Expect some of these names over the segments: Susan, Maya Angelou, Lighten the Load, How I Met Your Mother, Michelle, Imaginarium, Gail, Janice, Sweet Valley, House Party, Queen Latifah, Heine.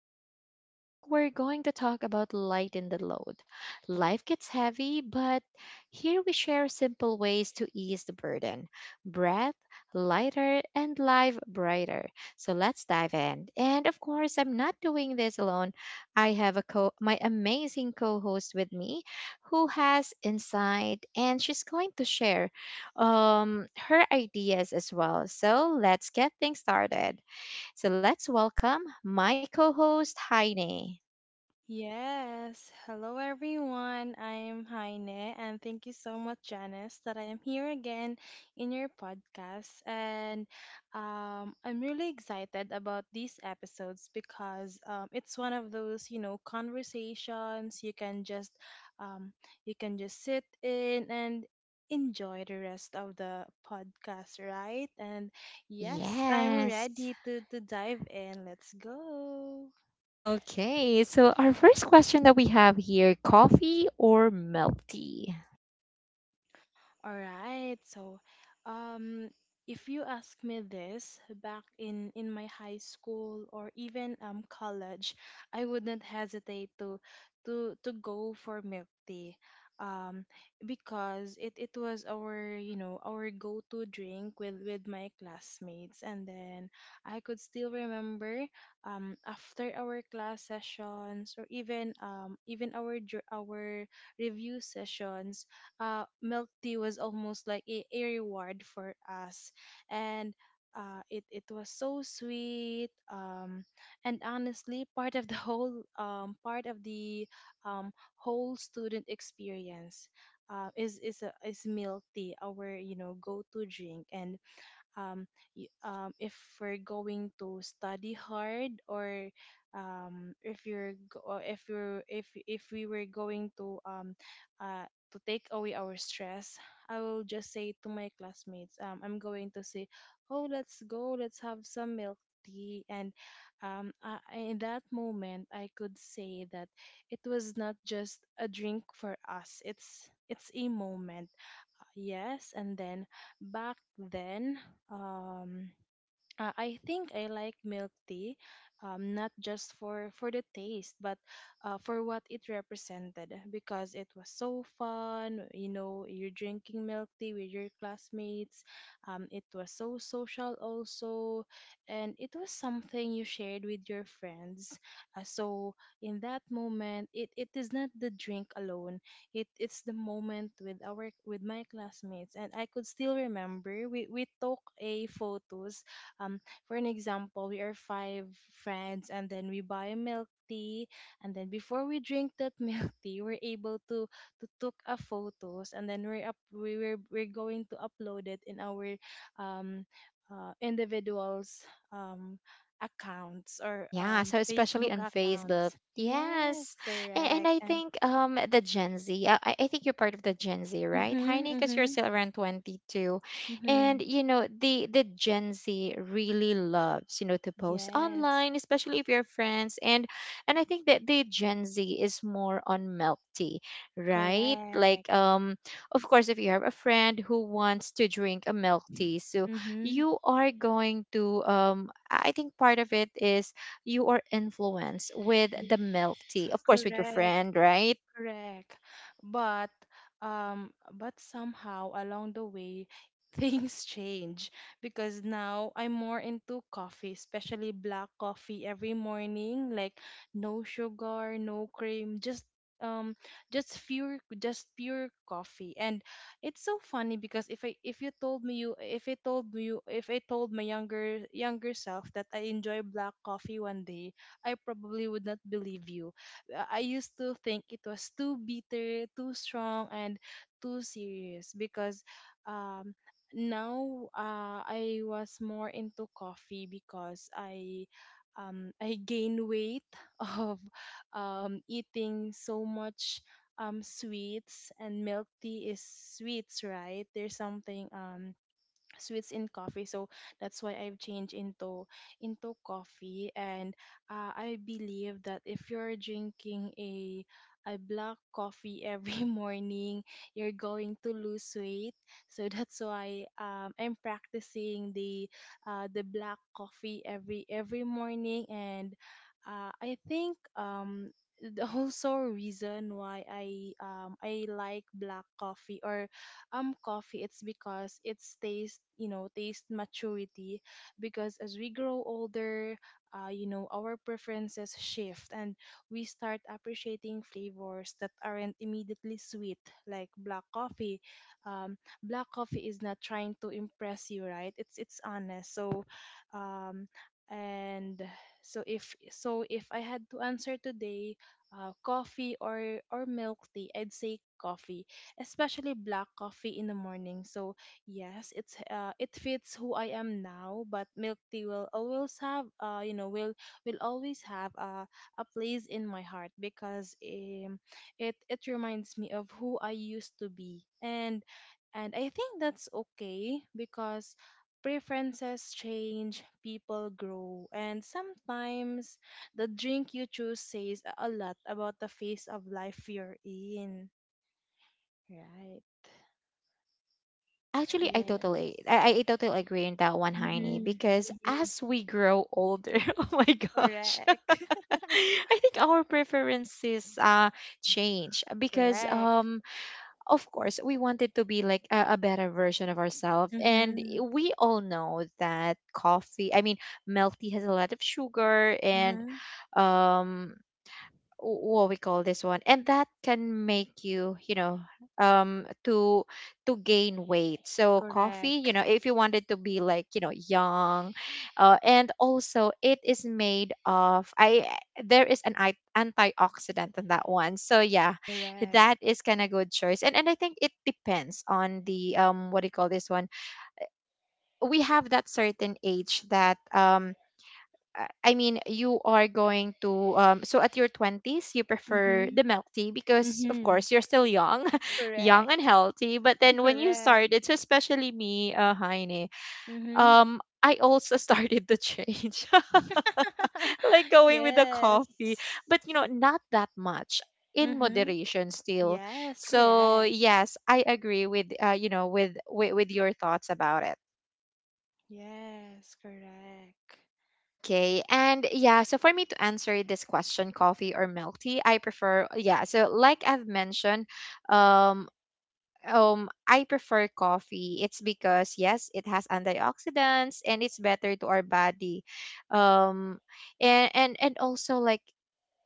And today's topic, we're going to talk about lighten the load. Life gets heavy, but here we share simple ways to ease the burden. Breath lighter and life brighter. So let's dive in. And of course, I'm not doing this alone. I have a co my amazing co-host with me who has insight and she's going to share her ideas as well. So let's get things started. So let's welcome my co host, Heine. Yes, hello everyone. I'm Heine, and thank you so much, Janice, that I am here again in your podcast. And I'm really excited about these episodes because it's one of those, you know, conversations um, you can just sit in and enjoy the rest of the podcast, right? And yes, I'm Yes. ready to dive in. Let's go. Okay. So, our first question that we have here, coffee or milk tea? All right. Um, if you ask me this back in my high school or even college, I wouldn't hesitate to go for milk tea. Um, because it was our, you know, our go-to drink with my classmates. And then I could still remember after our class sessions or even even our review sessions, milk tea was almost like a reward for us and it was so sweet, and honestly part of the whole part of the, whole student experience, is milk tea, our you know go to drink. And um, if we're going to study hard or if you're or if you're if we were going to, uh, to take away our stress, I will just say to my classmates, I'm going to say, oh let's go, let's have some milk tea. And in that moment I could say that it was not just a drink for us, it's a moment. Yes, and then back then, um, I think I like milk tea, not just for the taste, but for what it represented, because it was so fun. You know, you're drinking milk tea with your classmates. It was so social also, and it was something you shared with your friends. So in that moment, it is not the drink alone. It's the moment with our with my classmates, and I could still remember we took a photos, um for an example we are five friends, and then we buy a milk tea, and then before we drink that milk tea we're able to took a photos, and then we're up we were we're going to upload it in our um individuals um accounts or Yeah, so especially facebook on Facebook. accounts, yes Yes. And correct. I And think the Gen Z, I think you're part of the Gen Z, right, Heine? mhm. Because you're Mhm. still around 22. And Mhm. you know, the Gen Z really loves, you know, to post Yes, online, especially if you're friends. And I think that the Gen Z is more on milk tea, right? correct. Like of course if you have a friend who wants to drink a milk tea, so Mhm. you are going to I think part of it is you are influenced with the milk Yes, tea, of course, with your correct. friend, right? Correct. But but somehow along the way things change, because now I'm more into coffee, especially black coffee every morning, like no sugar, no cream, just um pure coffee. And it's so funny because if I if you told me you if I told you if I told my younger self that I enjoy black coffee one day, I probably would not believe you. I used to think it was too bitter, too strong, and too serious. Because um, now I was more into coffee because I gain weight of eating so much sweets, and milk tea is sweets, right? There's something, sweets in coffee, so that's why I've changed into coffee. And I believe that if you're drinking a black coffee every morning, you're going to lose weight. So that's why I'm practicing the, the black coffee every morning. And I think the also reason why I like black coffee or coffee, it's because it's taste, you know, taste maturity. Because as we grow older, you know, our preferences shift, and we start appreciating flavors that aren't immediately sweet, like black coffee. um, Black coffee is not trying to impress you, right? It's honest. So, um, and if I had to answer today, coffee or milk tea, I'd say coffee, especially black coffee in the morning. So yes, it fits who I am now, but milk tea will always have, will always have a place in my heart, because it it reminds me of who I used to be. And I think that's okay, because preferences change, people grow, and sometimes the drink you choose says a lot about the phase of life you're in. Right. Actually, I Yes. totally, I, I totally agree on that one, Heini, Mhm. because Mhm. as we grow older, oh my gosh, Correct. I think our preferences change because Correct. Of course we wanted to be like a better version of ourselves, and Mhm. we all know that coffee, I mean, milk tea has a lot of sugar and Mhm. um what we call this one, and that can make you, you know, um to to gain weight. So coffee, you Correct. know, if you wanted to be like, you know, young, and also it is made of I there is an antioxidant in that one, so yeah, that Correct. is kind of good choice. And I think it depends on the what do you call this one, we have that certain age that I mean, you are going to so at your 20s you prefer Mhm. the milk tea because of Mhm. course you're still young, young and Correct. healthy, but then when you Correct. started, so especially me, Heine, Mhm. I also started to change. Like going with the coffee, Yes. but you know, not that much, in Mhm. moderation still. Yes, So, correct. yes, I agree with you know, with your thoughts about it. Yes, correct. Okay. And yeah, so for me to answer this question, coffee or milk tea, I prefer, yeah, so like I've mentioned, um I prefer coffee. It's because, yes, it has antioxidants and it's better to our body. Um, and also like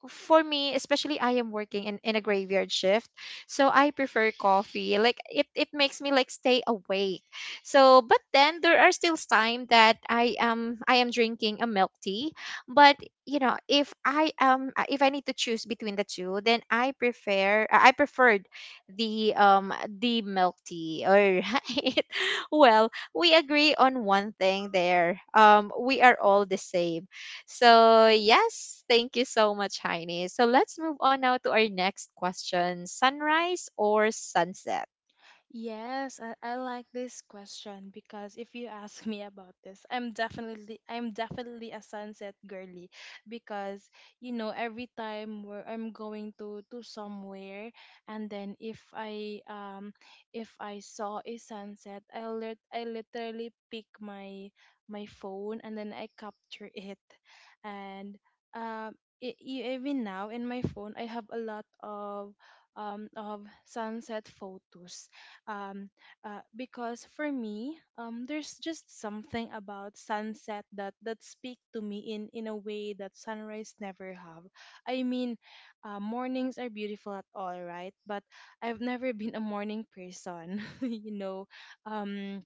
for me, especially I am working in a graveyard shift, so I prefer coffee. Like it makes me like stay awake. So, but then there are still time that I am drinking a milk tea. But you know, if I need to choose between the two, then I preferred the milk tea. All right. Well, we agree on one thing there. We are all the same, so, yes, thank you so much, Heine. So, let's move on now to our next question, sunrise or sunset? Yes, I like this question because if you ask me about this, I'm definitely a sunset girly. Because you know every time where I'm going to somewhere, and then if I saw a sunset, I lit I literally pick my, my phone, and then I capture it. And um even now in my phone I have a lot of sunset photos. um, because for me, there's just something about sunset that that speak to me in a way that sunrise never have. I mean, mornings are beautiful at all, right? But I've never been a morning person, you know. Um,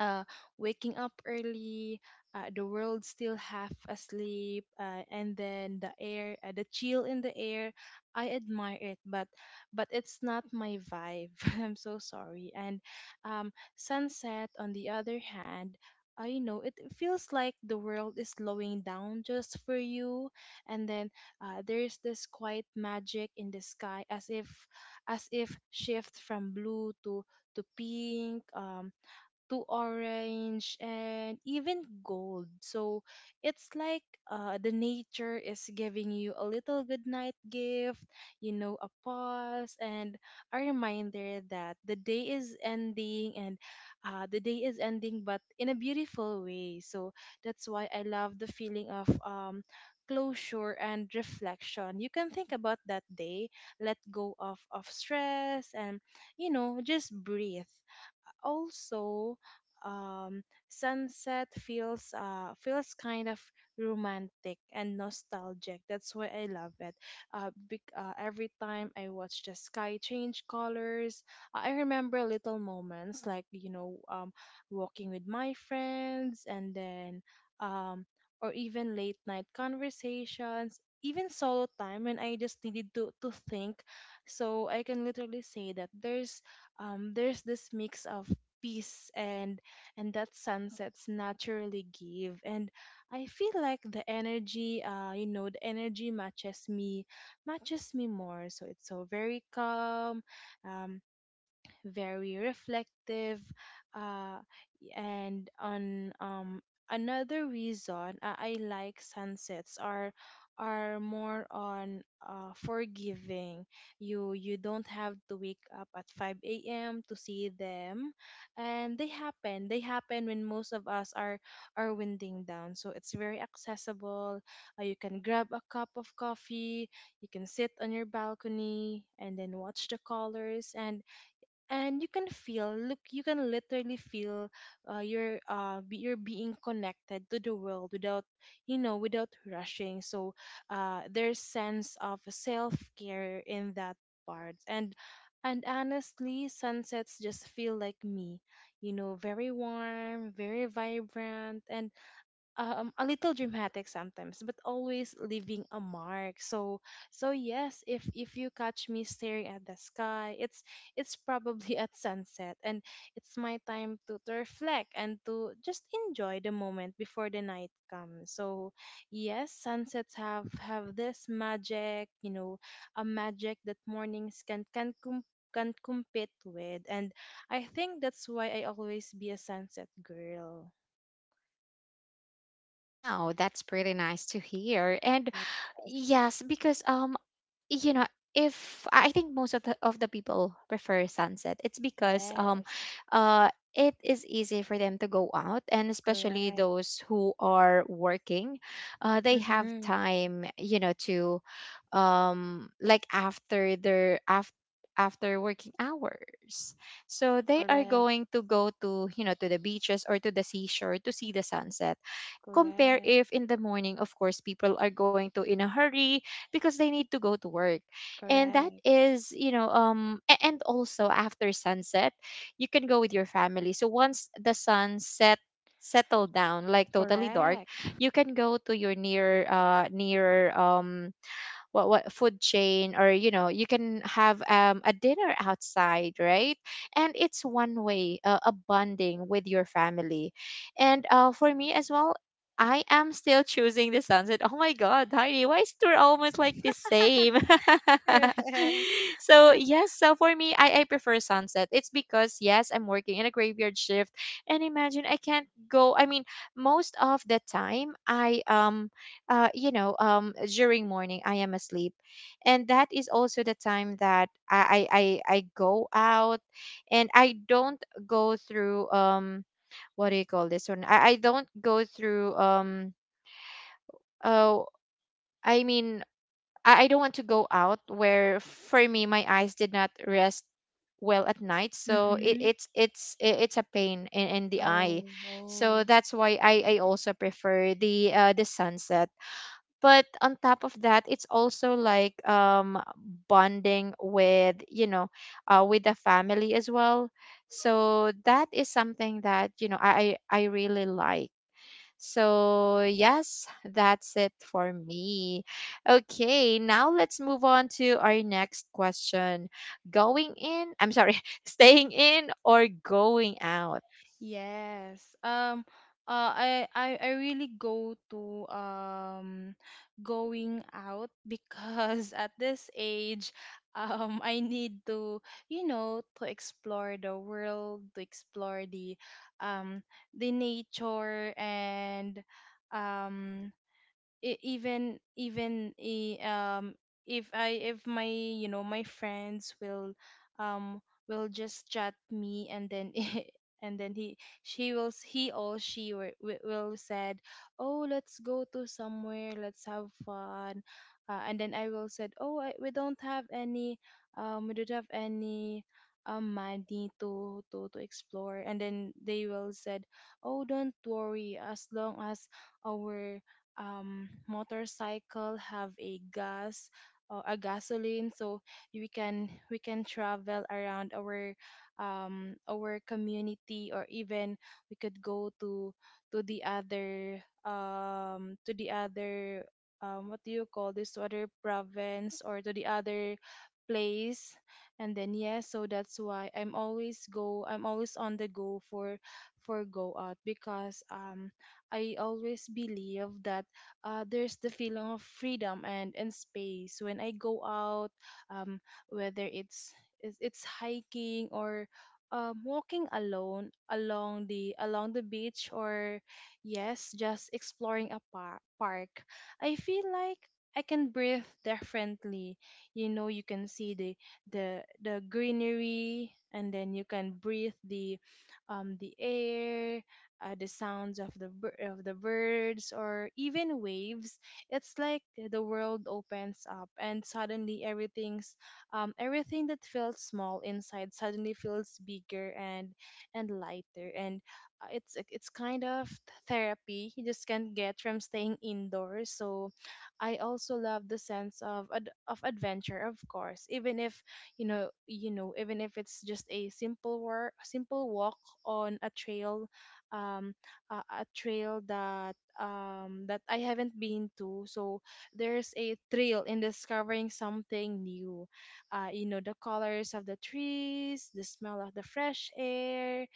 uh, Waking up early, the world still half asleep, and then the air, the chill in the air. I admire it, but it's not my vibe. I'm so sorry. And sunset, on the other hand. I know it feels like the world is slowing down just for you, and then there's this quiet magic in the sky, as if shift from blue to pink, to orange, and even gold. So it's like, the nature is giving you a little good night gift, you know, a pause and a reminder that the day is ending, and the day is ending, but in a beautiful way. So that's why I love the feeling of, closure and reflection. You can think about that day, let go of stress, and you know, just breathe. Also sunset feels, feels kind of romantic and nostalgic. That's why I love it. Every time I watch the sky change colors, I remember little moments, like you know, walking with my friends, and then, um, or even late night conversations. Even solo time when I just needed to think. So I can literally say that there's this mix of peace, and that sunsets naturally give. And I feel like the energy, the energy matches me, more. So it's so very calm, um very reflective. Uh, and on Another reason I like sunsets are more on, forgiving. You don't have to wake up at 5 a.m to see them. And they happen when most of us are winding down. So it's very accessible. You can grab a cup of coffee, you can sit on your balcony, and then watch the colors. And you can literally feel, you're being connected to the world without, you know, without rushing. So there's sense of self-care in that part. And honestly sunsets just feel like me, you know, very warm, very vibrant, and a little dramatic sometimes, but always leaving a mark. So, so yes, if you catch me staring at the sky, it's probably at sunset. And it's my time to reflect, and to just enjoy the moment before the night comes. So, yes, sunsets have this magic, you know, a magic that mornings can compete with. And I think that's why I always be a sunset girl. Wow, that's pretty nice to hear. And Yes. yes, because you know, if I think most of the people prefer sunset, it's because Yes, uh it is easy for them to go out, and especially correct. those who are working, uh, they have Mm-hmm. time, you know, to like after their after after working hours, so they are Correct, going to go to, you know, to the beaches or to the seashore to see the sunset, compare correct, if in the morning of course people are going to in a hurry because they need to go to work. And that correct, is, you know, and also after sunset you can go with your family. So once the sun settled down, like totally dark, correct, you can go to your near near what food chain, or you know, you can have a dinner outside, right? And it's one way, a bonding with your family. And for me as well, I am still choosing the sunset. Oh my god, Heidi, why is we're almost like the same? correct. So yes, so for me, I prefer sunset. It's because yes, I'm working in a graveyard shift, and imagine I can't go. I mean, most of the time, I you know, during morning I am asleep, and that is also the time that I go out, and I don't go through what do you call this one? I don't go through oh, I mean, I don't want to go out where for me my eyes did not rest well at night, so it, Mm-hmm. It's I- it's a pain in the eye. Oh, So oh. that's why I also prefer the sunset. But on top of that it's also like bonding with, you know, with the family as well. So that is something that, you know, I really like. So yes, that's it for me. Okay, now let's move on to our next question, going in I'm sorry staying in or going out. Yes. I really go to going out because at this age, I need to, you know, to explore the world, to explore um the nature and um e- even even i- um if my you know my friends um will just chat me, and then and then he she will s- he or she will said, "Oh, let's go to somewhere, let's have fun." And then I will said, "Oh, we don't have any we don't have any money to explore." And then they will said, "Oh, don't worry, as long as our motorcycle have a gasoline, so we can travel around our community, or even we could go to the other to the other what do you call this, to other province or to the other place." And then, yeah, so that's why I'm always on the go for go out, because I always believe that there's the feeling of freedom and space when I go out, um, whether it's hiking or walking alone along the beach, or yes, just exploring a park. I feel like I can breathe differently. You know, you can see the greenery, and then you can breathe the air, the sounds of the birds or even waves. It's like the world opens up and suddenly everything that felt small inside suddenly feels bigger, and lighter, and it's kind of therapy you just can't get from staying indoors. So I also love the sense of adventure, of course, even if even if it's just a simple walk on a trail, um a trail that I haven't been to. So there's a thrill in discovering something new. You know, the colors of the trees, the smell of the fresh air,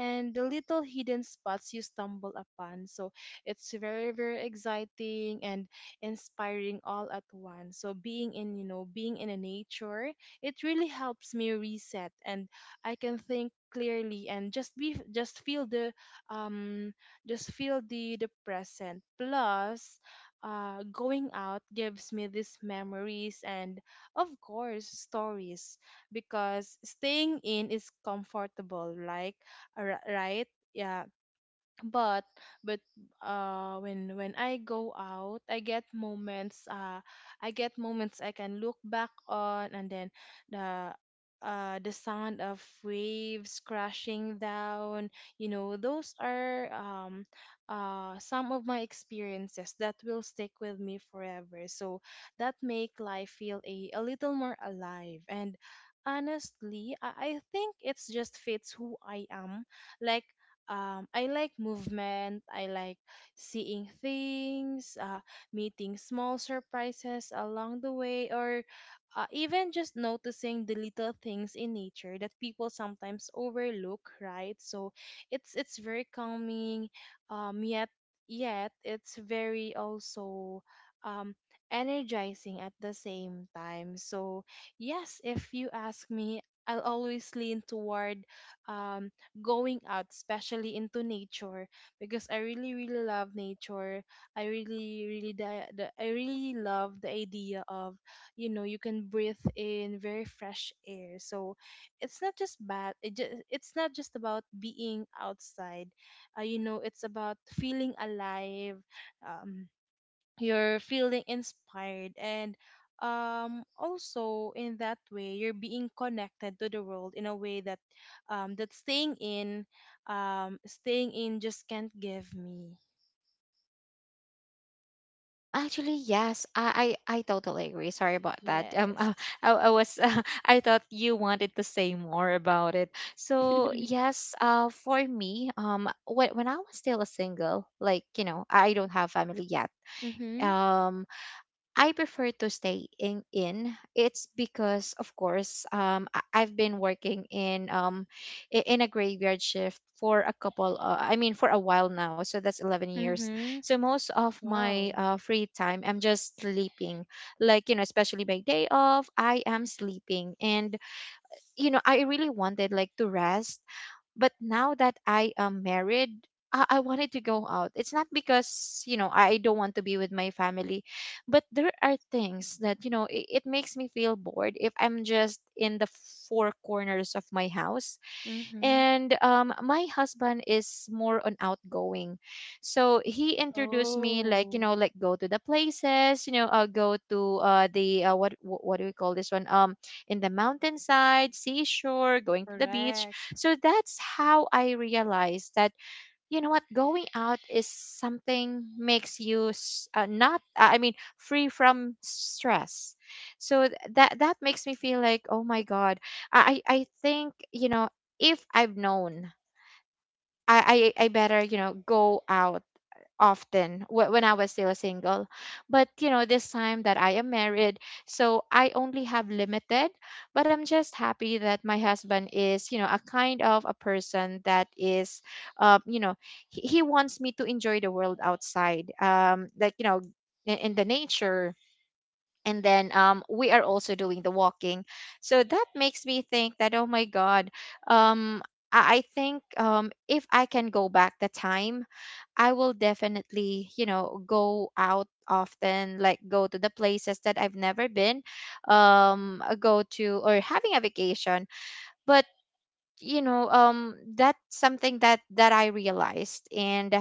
and the little hidden spots you stumble upon. So it's very, very exciting and inspiring all at once. So you know, being in a nature, it really helps me reset, and I can think clearly, and just be, um, just feel the present. Plus, going out gives me these memories, and of course, stories, because staying in is comfortable. Like, right? Yeah, but but when I go out, I get moments I can look back on. And then the the sound of waves crashing down, you know, those are some of my experiences that will stick with me forever. So that make life feel a little more alive. And honestly, I think it's just fits who I am. Like, I like movement. I like seeing things, meeting small surprises along the way, or even just noticing the little things in nature that people sometimes overlook. Right, so it's very calming, um, yet yet it's very also um, energizing at the same time. So yes, if you ask me, I'll always lean toward um going out, especially into nature, because I really, really love nature. I really love the idea of, you know, you can breathe in very fresh air. So it's not just bad. It's not just about being outside. You know, it's about feeling alive. Um, you're feeling inspired, and also in that way you're being connected to the world in a way that um that staying in staying in just can't give me. Actually, yes, I totally agree. Sorry about that. Yes. I was, I thought you wanted to say more about it. So yes, for me, when I was still a single, like you know, I don't have family yet. Mhm. Um, I prefer to stay in. It's because, of course, I've been working in in a graveyard shift for a couple. I mean, for a while now. So that's 11 years. Mhm. So most of my Wow. Free time, I'm just sleeping. Like you know, especially my day off, I am sleeping, and you know, I really wanted like to rest, but now that I am married, I wanted to go out. It's not because, you know, I don't want to be with my family, but there are things that, you know, it makes me feel bored if I'm just in the four corners of my house. Mhm. And my husband is more on outgoing, so he introduced me, like you Oh. know, like go to the places, you know, go to what do we call this one, in the mountainside, seashore, going to the beach. Correct. So that's how I realized that, you know what, going out is something makes you s- not I mean free from stress. So that makes me feel like oh my god, I think you know, if I've known, I better you know go out often, when I was still single. But you know, this time that I am married, so I only have limited, but I'm just happy that my husband is, you know, a kind of a person that is, you know, he wants me to enjoy the world outside, like, you know, in the nature. And then we are also doing the walking. So that makes me think that, oh my God, um, I think if I can go back the time, I will definitely, you know, go out often, like go to the places that I've never been, go to or having a vacation. But you know, that's something that that I realized. And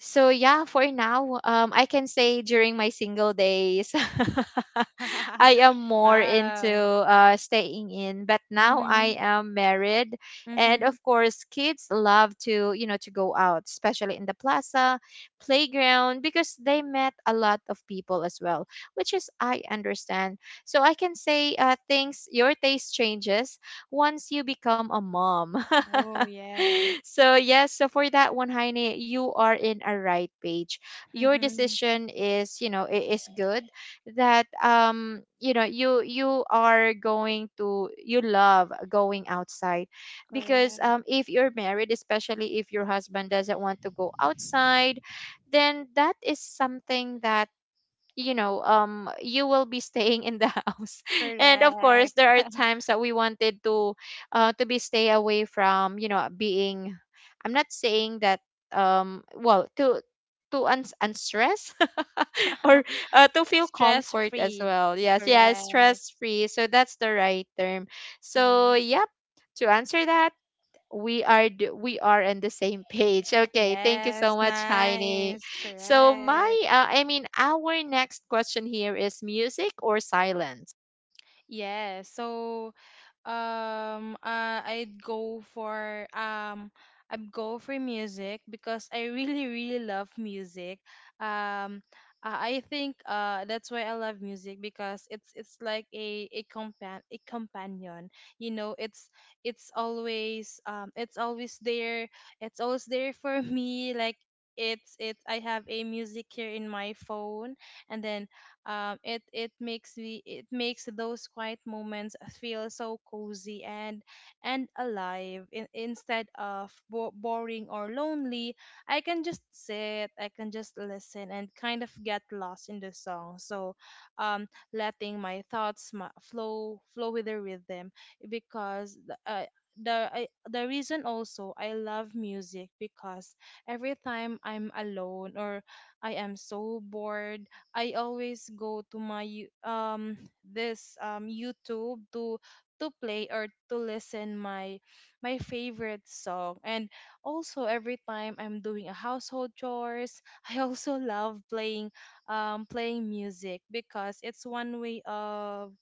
so yeah, for now, I can say during my single days, I am more into, Wow. Staying in. But now I Mhm. am married, and Mhm. of course, kids love to, you know, to go out, especially in the plaza, playground, because they met a lot of people as well, which is I understand. So I can say, things, your taste changes once you become a mom. Oh, yes. So yes, so for that one, Heine, you are in a right page. Your Mhm. decision is, you know, is good that, you know, you are going to you love going outside because Correct. If you're married, especially if your husband doesn't want to go outside, then that is something that, you know, you will be staying in the house. And of course, Correct. there are times that we wanted to be stay away from, you know, being, I'm not saying that, well, to unstress or to feel Stress comfort as free. well. Yes, yeah, Correct. stress free, so that's the right term. Yeah. So yep, to answer that, we are on the same page. Okay, thank you so Yes. much, Heini. Nice. So my Correct. I mean our next question here is music or silence. Yes. So, Um, uh, I'd go for um, I'd go for music, because I really, really love music. Um, I think that's why I love music, because it's like a companion. You know, it's always there. It's always there for me. Like, it's I have a music here in my phone, and then, it makes those quiet moments feel so cozy and alive. Instead of boring or lonely, I can just sit, I can just listen, and kind of get lost in the song. So, um, letting my thoughts flow with the rhythm, because the reason also I love music, because every time I'm alone, or I am so bored, I always go to my you- this YouTube to play or to listen my favorite song. And also every time I'm doing a household chores, I also love playing music, because it's one way of,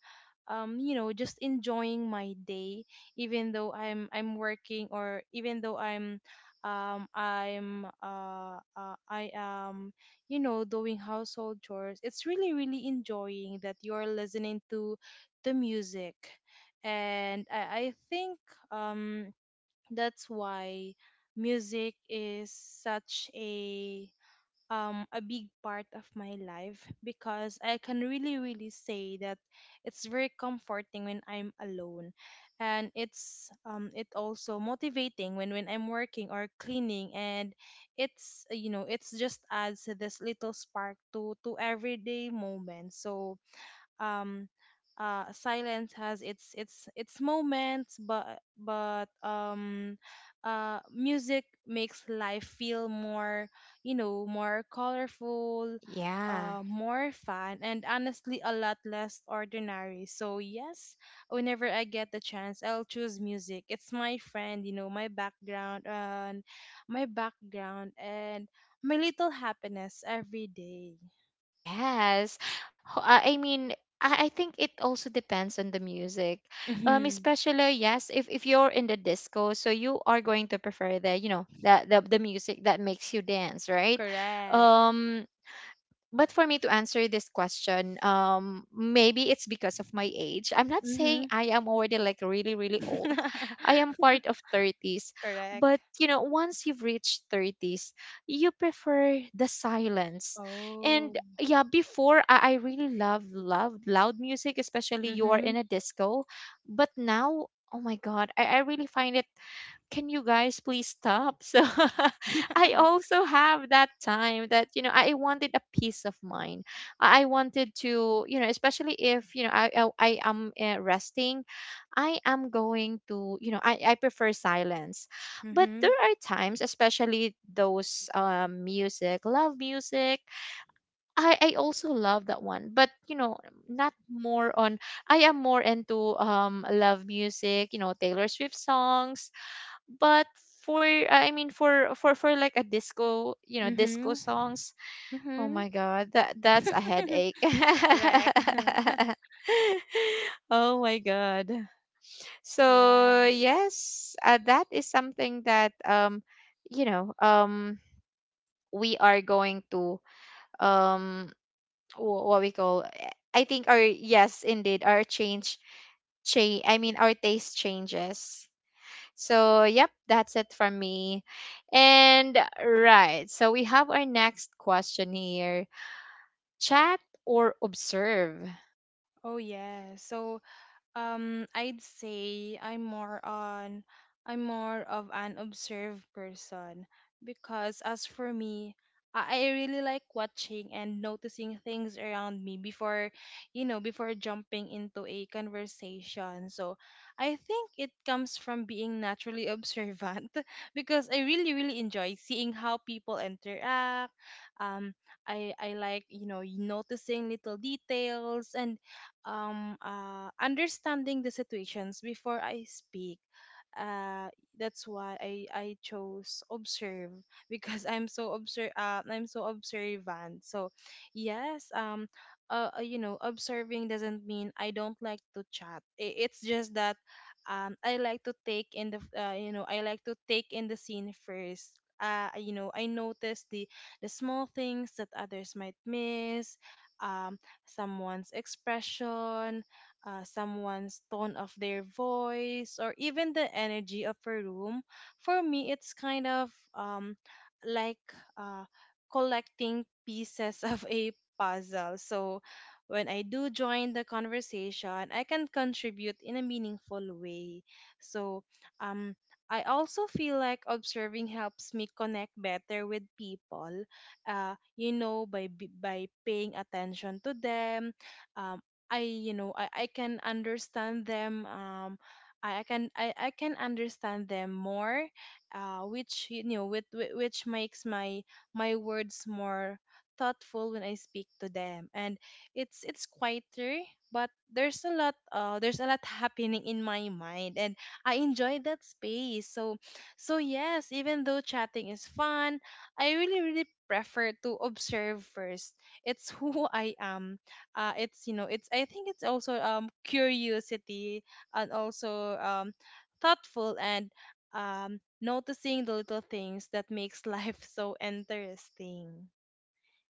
you know, just enjoying my day, even though I'm working, or even though I am, you know, doing household chores. It's really, really enjoying that you're listening to the music. And I think, um that's why music is such a big part of my life, because I can really, really say that it's very comforting when I'm alone, and it also motivating when I'm working or cleaning, and it's you know, it's just adds this little spark to everyday moments. So, um silence has its moments, but, music makes life feel more, you know, more colorful, Yeah. More fun, and honestly a lot less ordinary. So yes, whenever I get the chance, I'll choose music. It's my friend, you know, my background, and my little happiness every day. Yes. I mean, I think it also depends on the music, Mm-hmm. especially yes, if you're in the disco, so you are going to prefer the, you know, the music that makes you dance, right? Correct. Um, but for me to answer this question, maybe it's because of my age. I'm not saying Mm-hmm. I am already like really, really old. I am part of thirties. Correct. But, you know, once you've reached thirties, you prefer the silence. And Oh. yeah, before, I really love, love loud music, especially you are in Mhm. a disco. But now, oh my God, I really find it, can you guys please stop? So I also have that time that, you know, I wanted a peace of mind. I wanted to, you know, especially if, you know, I am resting, I am going to, you know, I prefer silence. But Mhm. there are times, especially those music, love music. I also love that one, but, you know, not more on, I am more into love music, you know, Taylor Swift songs, but for, I mean for like a disco, you know, disco Mhm. songs, oh Mhm. my god, that's a headache. Correct. Oh my god. So Correct. yes, that is something that, you know, we are going to, um what we call, I think our, yes, indeed our change, change, I mean, our taste changes. So yep, that's it from me. And right, so we have our next question here. Chat or observe? Oh yeah. So, I'd say I'm more on I'm more of an observed person, because as for me, I really like watching and noticing things around me before, you know, before jumping into a conversation. So I think it comes from being naturally observant, because I really, really enjoy seeing how people interact. Um, I like, you know, noticing little details, and understanding the situations before I speak. Uh, that's why I chose observe, because I'm so observant. So yes, you know, observing doesn't mean I don't like to chat. It's just that, I like to take in the f- you know, I like to take in the scene first. You know, I notice the small things that others might miss, um, someone's expression, someone's tone of their voice, or even the energy of a room. For me, it's kind of, like, uh, collecting pieces of a puzzle. So when I do join the conversation, I can contribute in a meaningful way. So, um, I also feel like observing helps me connect better with people. You know, by by paying attention to them, um, I you know, I can understand them. I can understand them more, which, you know, which makes my words more thoughtful when I speak to them, and it's quieter, but there's a lot happening in my mind, and I enjoy that space. So, yes, even though chatting is fun, I really, really prefer to observe first. It's who I am. It's You know, it's I think it's also curiosity, and also thoughtful, and noticing the little things that makes life so interesting.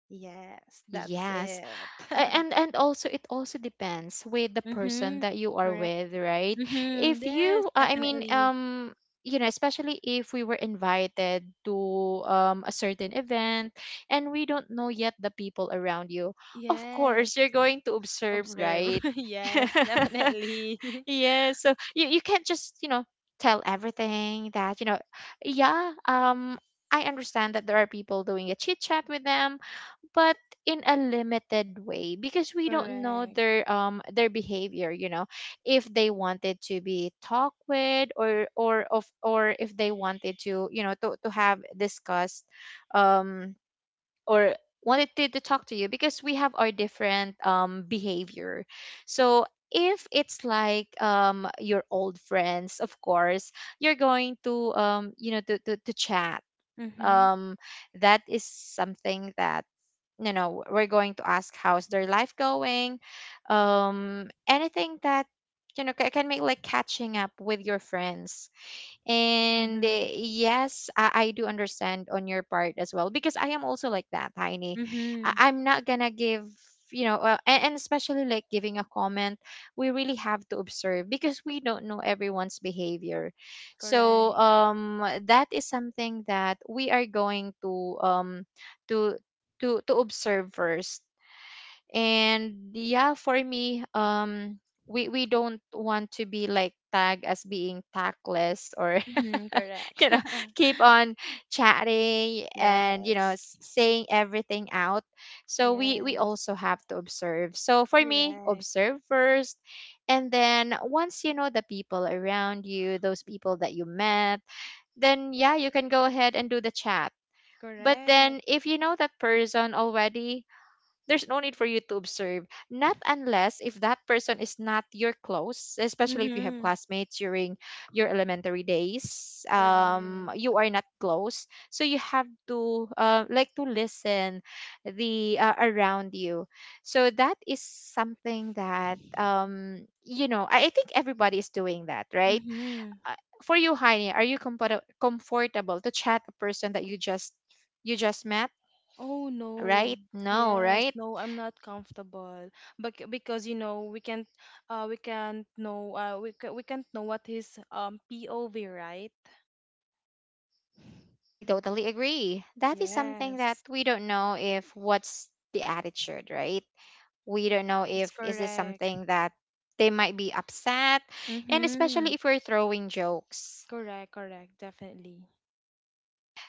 Yes, that's Yes. it. And also it also depends with the person Mhm. that you are Correct. with, right? Mhm. If Yes, you I mean, definitely. You know, especially if we were invited to a certain event and we don't know yet the people around you, of Yes. course you're going to observe, Observe. right? Yes, definitely. Yeah, so you can't just, you know, tell everything that, you know, yeah, I understand that there are people doing a chit chat with them, but in a limited way because we don't know Correct. Their behavior, you know, if they wanted to be talked with, or of, or if they wanted to, you know, to have discussed, um or wanted to talk to you because we have our different behavior. So if it's like your old friends, of course you're going to, you know, to chat. Mm-hmm. Um, that is something that, you know, we're going to ask how's their life going, anything that, you know, can make like catching up with your friends. And Mm-hmm. eh, yes, I do understand on your part as well because I am also like that, Tiny. Mm-hmm. I, I'm not gonna give, you know, and especially like giving a comment, we really have to observe because we don't know everyone's behavior. So Correct. That is something that we are going to to to observe first. And yeah, for me, we don't want to be like tagged as being tactless or Mm-hmm. Correct. you know, keep on chatting and, you know, Yes. Saying everything out. So we Yes. also have to observe. So for me, Correct. observe first, and then once you know the people around you, those people that you met, then yeah, you can go ahead and do the chat. But then Correct. if you know that person already, there's no need for you to observe. Not unless if that person is not your close, especially if you have Mm-hmm. classmates during your elementary days, Correct. You are not close. So you have to like to listen the around you. So that is something that, you know, I think everybody is doing that, right? Mm-hmm. Uh, for you, Heine, are you comfortable to chat a person that you just met? Oh no. Right? No, Yes, right? no, I'm not comfortable. But because, you know, we can't know we can't know what his, POV, right? I totally agree. That is something that Yes. we don't know if what's the attitude, right? We don't know Yes, if is this correct. something that they might be upset, and Mm-hmm. especially if we're throwing jokes. Correct, correct, definitely.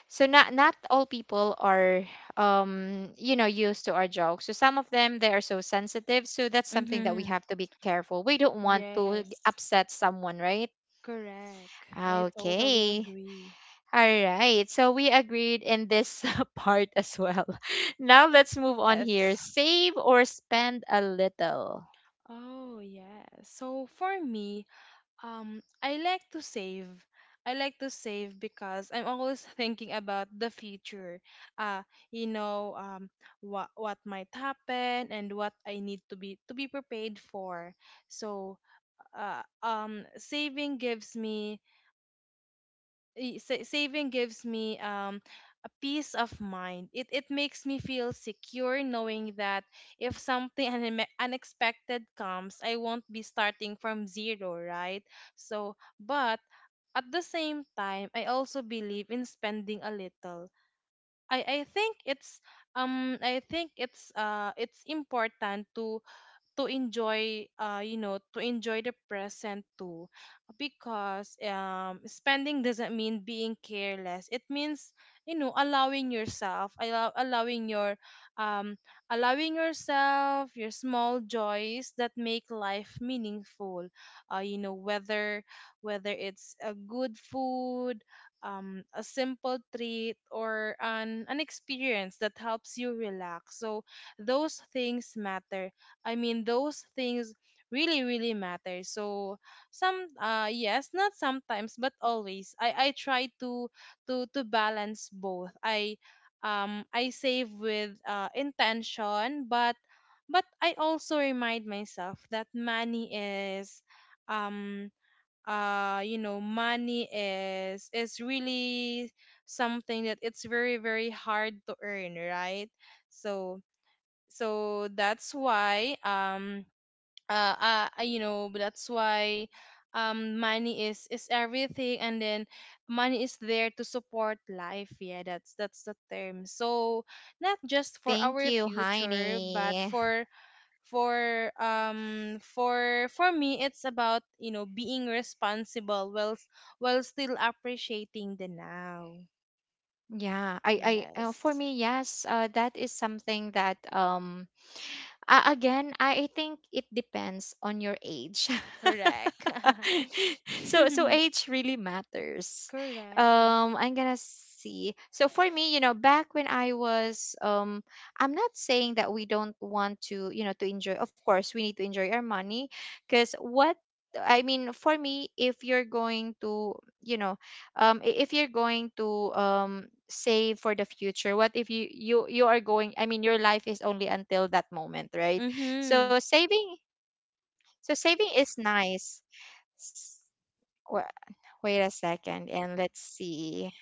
So not not all people are you know used to our jokes. So some of them they are so sensitive. So that's something that we Mm-hmm. have to be careful. We don't want to Yes. upset someone, right? Correct. I totally Okay. agree. All right. So we agreed in this part as well. Now let's move on here. Yes. Save or spend a little. Oh yeah. So for me, I like to save. I like to save because I'm always thinking about the future. Uh, you know, what might happen, and what I need to be prepared for. So, uh, um, saving gives me saving gives me, a peace of mind. It makes me feel secure knowing that if something unexpected comes, I won't be starting from zero, right? So, but at the same time, I also believe in spending a little. I I think it's I think it's important to enjoy, you know, to enjoy the present too, because, spending doesn't mean being careless. It means, you know, allowing your um allowing yourself your small joys that make life meaningful. You know, whether, it's a good food, a simple treat, or an experience that helps you relax. So those things matter. I mean, those things really, really matter. So, yes, not sometimes, but always. I try to balance both. I save with, intention, but, I also remind myself that money is, um you know, money is really something that it's very, very hard to earn, right? So, that's why, you know, that's why, money is everything. And then money is there to support life. Yeah, that's the term. So, not just for Thank our you, future, but Heini. for, for me, it's about, you know, being responsible while while still appreciating the now. Yeah, for Yes. me, yes, that is something that, again, I think it depends on your age. Correct. So so age really matters. Correct. I'm gonna see. So for me, you know, back when I was, I'm not saying that we don't want to, you know, to enjoy. Of course, we need to enjoy our money, because what, I mean for me, if you're going to, you know, if you're going to save for the future, what if you are going? I mean, your life is only until that moment, right? So Mm-hmm. saving, so saving is nice. Wa- wait a second and let's see.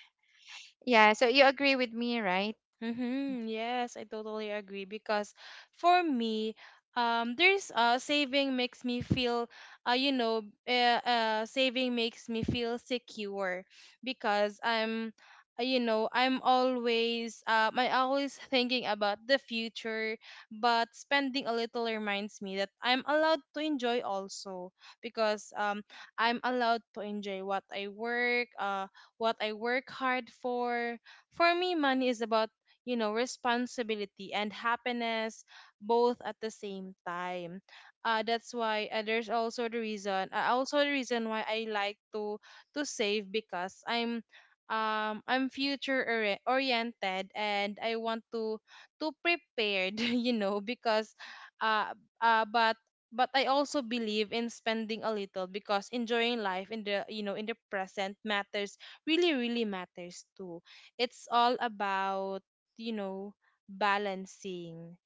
Yeah, so you agree with me, right? Mm-hmm. Yes, I totally agree because for me, there's saving makes me feel, uh, you know, saving makes me feel secure because I'm always, I always thinking about the future, but spending a little reminds me that I'm allowed to enjoy also because I'm allowed to enjoy what I what I work hard for. For me money is about, you know, responsibility and happiness both at the same time. That's why there's also the also the reason why I like to save because I'm future oriented and I want to prepared, you know, because uh uh but but I also believe in spending a little because enjoying life in the you know in the present matters, really really matters too. It's all about, you know, balancing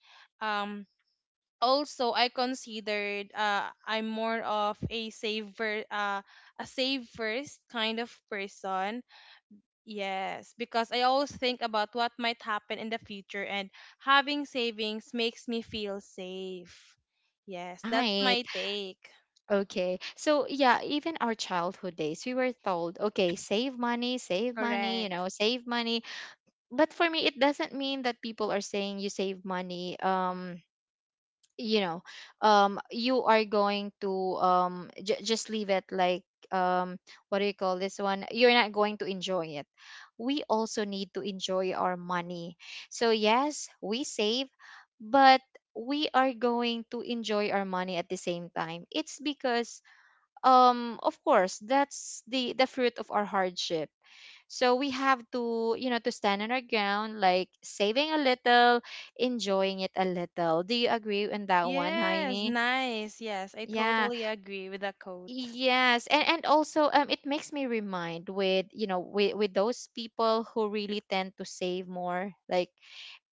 um Also I considered I'm more of a saver, a save first kind of person. Yes, because I always think about what might happen in the future, and having savings makes me feel safe. Yes, that's Right. my take. Okay. So yeah, even our childhood days, we were told, okay, save money, you Correct. know, save money. But for me, it doesn't mean that people are saying you save money. You know, you are going to just leave it like, um what do you call this one, you're not going to enjoy it. We also need to enjoy our money. So yes, we save, but we are going to enjoy our money at the same time. It's because, of course, that's the fruit of our hardship. So we have to, you know, to stand on our ground like saving a little, enjoying it a little. Do you agree on that one, Yes, Heini? nice. Yes, I Yeah, totally agree with the quote. yes. And also, it makes me remind with, you know, with those people who really tend to save more like,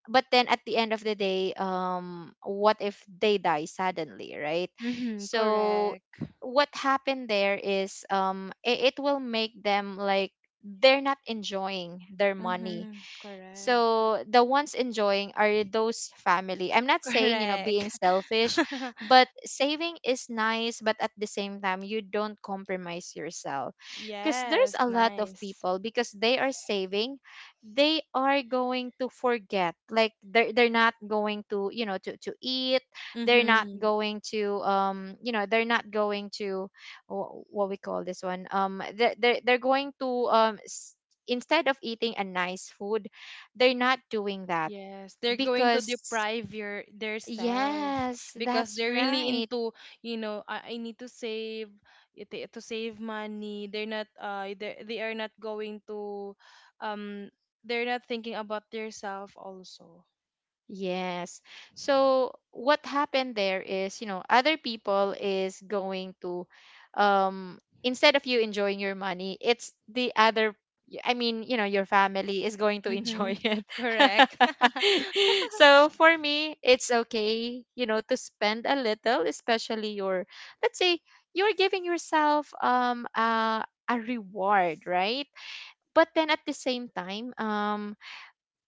but then at the end of the day, what if they die suddenly, right? Mm-hmm, So correct. what happened there is, it, it will make them like they're not enjoying their money. Mm-hmm, correct. So the ones enjoying are those family. I'm not saying, you know, Correct. being selfish, but saving is nice, but at the same time, you don't compromise yourself. Because there's Yes, a lot of nice. people, because they are saving, they are going to forget. Like they're not going to, you know, to eat. They're not Mm-hmm. going to, you know, they're not going to, what we call this one. Um, they're going to instead of eating a nice food, they're not doing that Yes, they're going to because, deprive your their self yes, because that's they're really right. into, you know, I need to save to save money. They're not uh, they are not going to um they're not thinking about their self also. Yes. So what happened there is, you know, other people is going to, um instead of you enjoying your money, it's the other, I mean, you know, your family is going to Mm-hmm. enjoy it. Correct. So for me, it's okay, you know, to spend a little, especially your, let's say, you're giving yourself a reward, right? But then at the same time,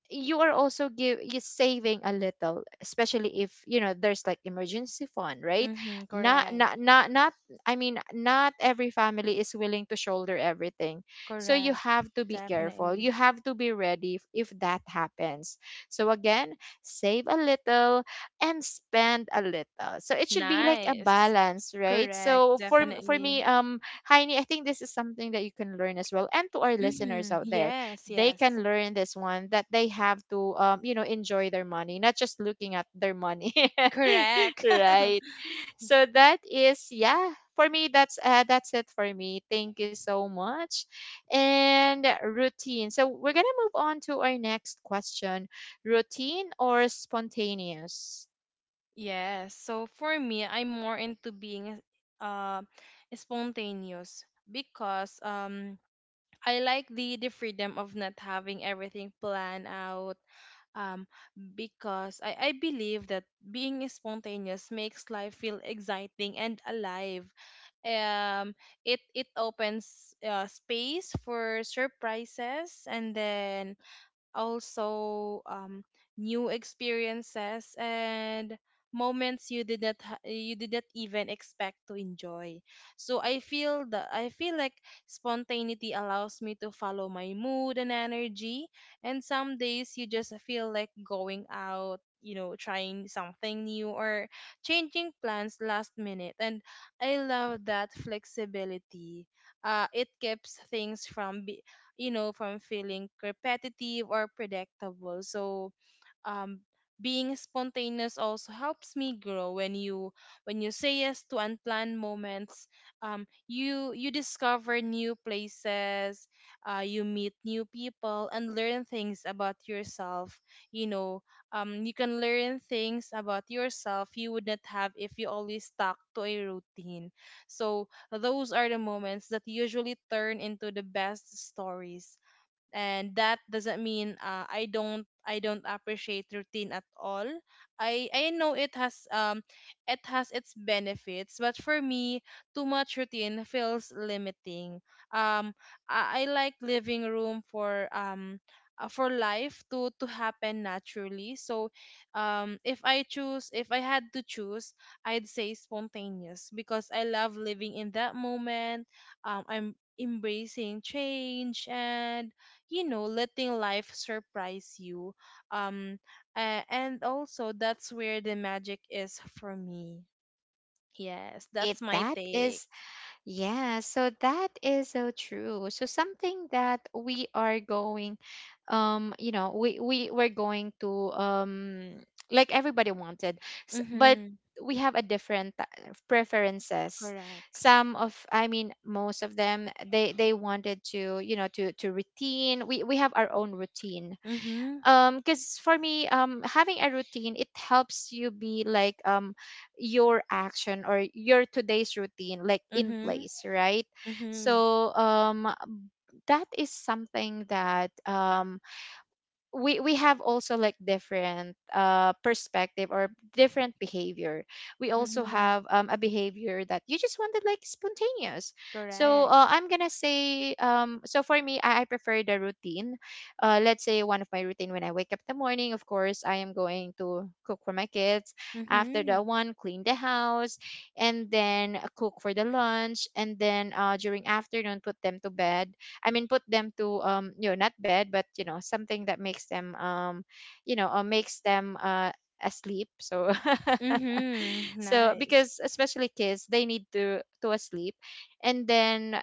you are also give you saving a little, especially if you know there's like emergency fund, right? Mm-hmm. not Correct. not not not I mean, not every family is willing to shoulder everything. So you Correct. have to be careful, you Definitely. have to be ready if that happens. So again, save a little and spend a little, so it should be like a Nice. balance, right? Correct, So for for definitely. me, um, Heini, I think this is something that you can learn as well, and to our listeners Hmm, out there, yes, they yes. can learn this one that they have to, you know, enjoy their money, not just looking at their money. Correct. Right? So that is, yeah, for me, that's it for me. Thank you so much. And routine, so we're gonna move on to our next question. Routine or spontaneous? Yes. So for me, I'm more into being uh, spontaneous because I like the freedom of not having everything planned out um, because I believe that being spontaneous makes life feel exciting and alive. Um, it it opens space for surprises, and then also new experiences and moments you did not ha- you did not even expect to enjoy. So I feel like spontaneity allows me to follow my mood and energy. And some days you just feel like going out, you know, trying something new or changing plans last minute, and I love that flexibility. It keeps things from you know, from feeling repetitive or predictable. So, um, being spontaneous also helps me grow. When you say yes to unplanned moments, you you discover new places, you meet new people and learn things about yourself, you know. You can learn things about yourself you would not have if you always stuck to a routine. So those are the moments that usually turn into the best stories. And that doesn't mean I don't appreciate routine at all. I know it has, it has its benefits, but for me, too much routine feels limiting. Um, I like living room for life to happen naturally. So, if I choose if I had to choose, I'd say spontaneous because I love living in that moment. I'm embracing change and, you know, letting life surprise you. um and also that's where the magic is for me. Yes, It that's my that take. is. Yeah, so that is so true. So something that we are going, you know, we're going to, like everybody wanted, s- but Mhm, we have a different preferences. correct. Some of, I mean, most of them, they wanted to, you know, to routine. We have our own routine Mhm. Because for me having a routine it helps you be like your action or your today's routine like in Mhm. place, right? Mhm. So that is something that we have also like different perspective or different behavior. We also Mhm, have a behavior that you just wanted, like spontaneous. So correct. I'm gonna say, for me I prefer the routine. Let's say one of my routine, when I wake up in the morning, of course I am going to cook for my kids. After Mhm. that one, clean the house and then cook for the lunch, and then during afternoon put them to bed. I mean, put them to you know, not bed, but you know, something that makes them makes them asleep. So Mhm, so nice. because especially kids, they need to asleep, and then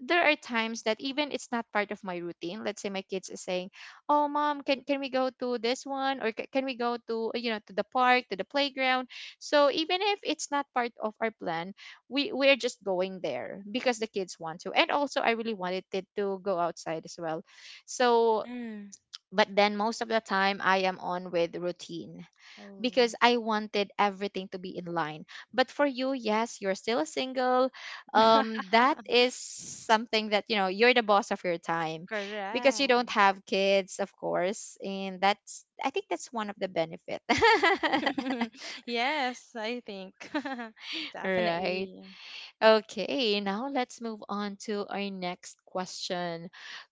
there are times that even it's not part of my routine. Let's say my kids are saying, oh mom, can we go to this one? Or "Ca- can we go to, you know, to the park, to the playground?" So even if it's not part of our plan, we're just going there because the kids want to, and also I really wanted it to go outside as well. So Mhm. but then most of the time I am on with routine Oh. because I wanted everything to be in line. But for you, yes, you're still single. That is something that, you know, you're the boss of your time because you don't Correct. have kids, of course, and that's, I think, that's one of the benefit. Yes, I think. Right. Definitely. Okay. Now let's move on to our next question: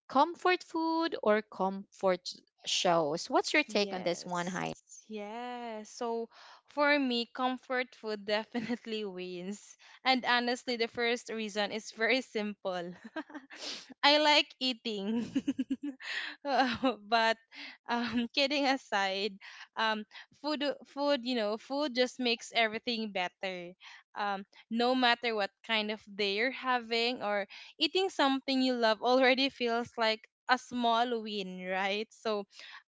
comfort food or comfort shows? What's your take on this one? Yes. Yes. So for me, comfort food definitely wins. And honestly, the first reason is very simple. I like eating. But kidding aside, um you know, food just makes everything better. Um no matter what kind of day you're having, or eating something you love already feels like a small win, right? So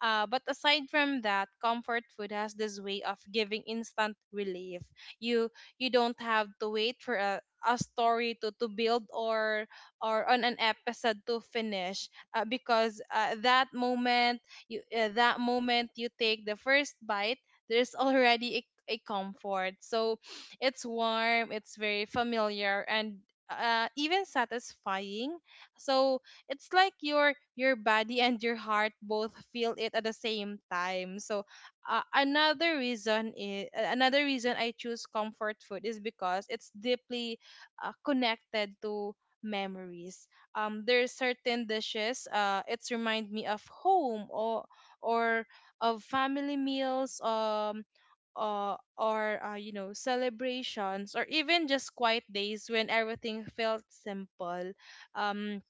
but aside from that, comfort food has this way of giving instant relief. You you don't have to wait for a story to build or on an episode to finish, because that moment you take the first bite, there's already a comfort. So it's warm, it's very familiar, and even satisfying. So it's like your body and your heart both feel it at the same time. So another reason I choose comfort food is because it's deeply connected to memories. There's certain dishes, it's remind me of home, or of family meals, or, you know, celebrations, or even just quiet days when everything felt simple. um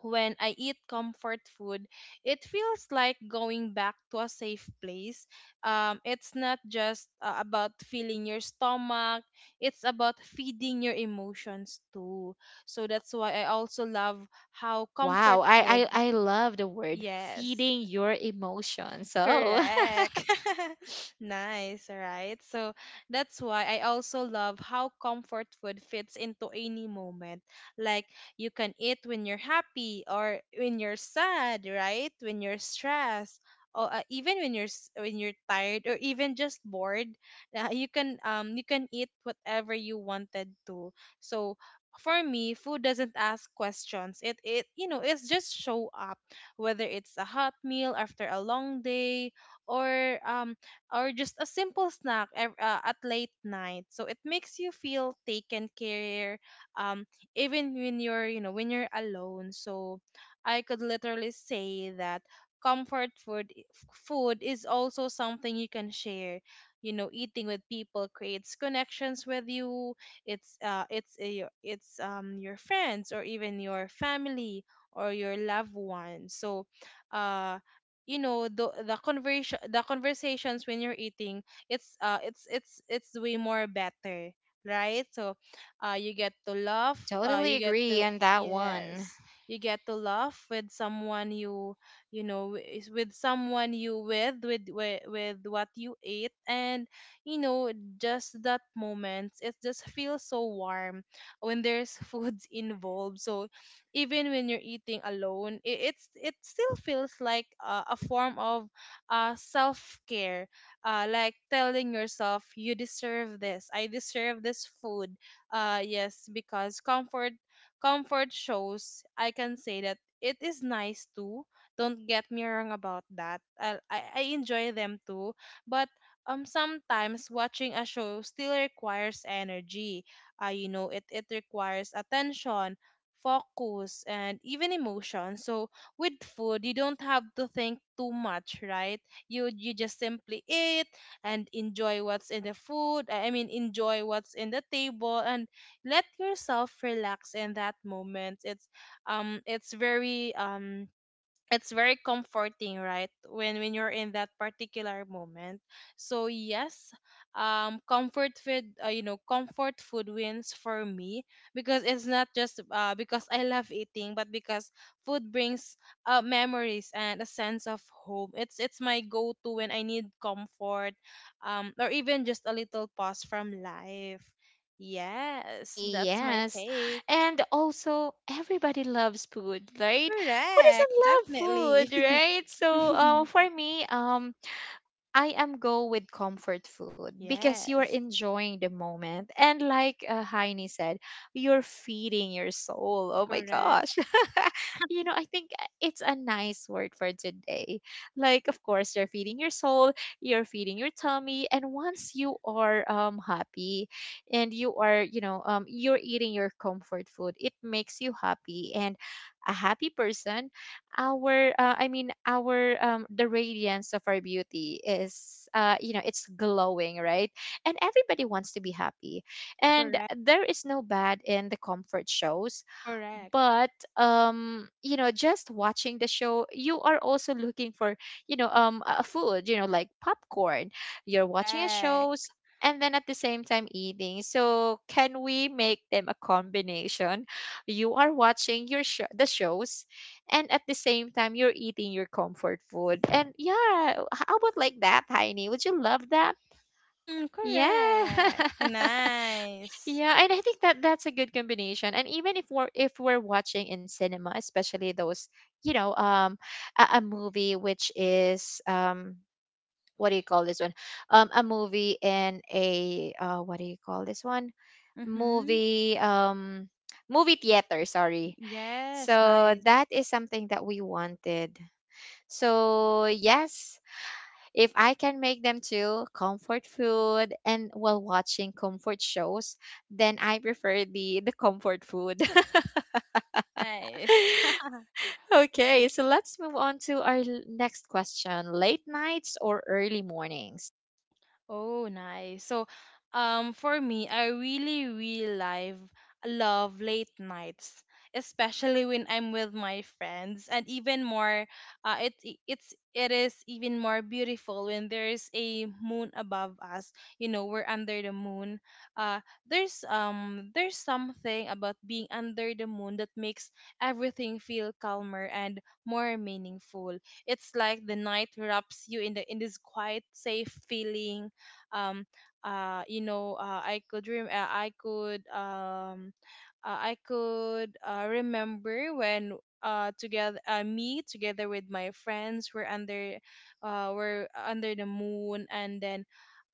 when I eat comfort food, it feels like going back to a safe place. It's not just, about filling your stomach, it's about feeding your emotions too. So that's why I also love how Wow, comfort food, I love the word yes. feeding your emotions. So Correct. Nice, right? So that's why I also love how comfort food fits into any moment. Like you can eat when you're happy or when you're sad, right? When you're stressed, or even when you're when you're tired or even just bored, you can eat whatever you wanted to. So for me, food doesn't ask questions. It, you know, it's just show up, whether it's a hot meal after a long day or um or just a simple snack at late night. So it makes you feel taken care um even when you're, you know, when you're alone. So I could literally say that comfort food is also something you can share. You know, eating with people creates connections with you. It's your, it's your friends or even your family or your loved one. So uh you know, the conversations when you're eating, it's way more better, right? So you get to laugh, totally you get agree to, on that one. yes, you get to laugh with someone you, you know, wi- is with someone you with what you ate, and you know, just that moment, it just feels so warm when there's foods involved. So even when you're eating alone, it's it still feels like a form of self-care, like telling yourself you deserve this, I deserve this food. Yes, because comfort shows, I can say that it is nice too. Don't get me wrong about that, I enjoy them too. But sometimes watching a show still requires energy. You know it requires attention, focus, and even emotion. So with food you don't have to think too much, right? You just simply eat and enjoy what's in the food I mean enjoy what's in the table, and let yourself relax in that moment. Um it's very um it's very comforting, right, when you're in that particular moment. So yes, comfort food, you know, comfort food wins for me because it's not just because I love eating, but because food brings memories and a sense of home. It's my go-to when I need comfort, or even just a little pause from life. Yes, Hey, that's my yes. take. And also everybody loves food, right? Who Correct, doesn't love definitely. food, right? So for me, I am go with comfort food because you are Yes. enjoying the moment. And like Heini said, you're feeding your soul. Oh my Correct, gosh. You know, I think it's a nice word for today. Like, of course, you're feeding your soul, you're feeding your tummy. And once you are happy and you are, you know, you're eating your comfort food, it makes you happy. And a happy person, our I mean our the radiance of our beauty is you know, it's glowing, right? And everybody wants to be happy, and correct, there is no bad in the comfort shows. correct, But you know, just watching the show, you are also looking for, you know, a food, you know, like popcorn. You're watching a correct. shows, and then at the same time eating. So can we make them a combination? You are watching your show, the shows, and at the same time you're eating your comfort food. And yeah, how about like that, Heini? Would you love that? Mhm, Yeah. correct. Nice. Yeah, and I think that that's a good combination. And even if we're watching in cinema, especially those, you know, a movie which is what do you call this one? A movie in a what do you call this one? Mm-hmm. Movie movie theater. Sorry. Yes, So nice, that is something that we wanted. So yes. If I can make them to comfort food and while watching comfort shows, then I prefer the comfort food. nice. Okay, so let's move on to our next question. Late nights or early mornings? Oh, nice. So, for me, I really, really love late nights, especially when I'm with my friends, and even more, it's it is even more beautiful when there's a moon above us. You know, we're under the moon. Uh, there's there's something about being under the moon that makes everything feel calmer and more meaningful. It's like the night wraps you in the in this quiet safe feeling. um you know, I could rem- I could remember when together me together with my friends were under the moon, and then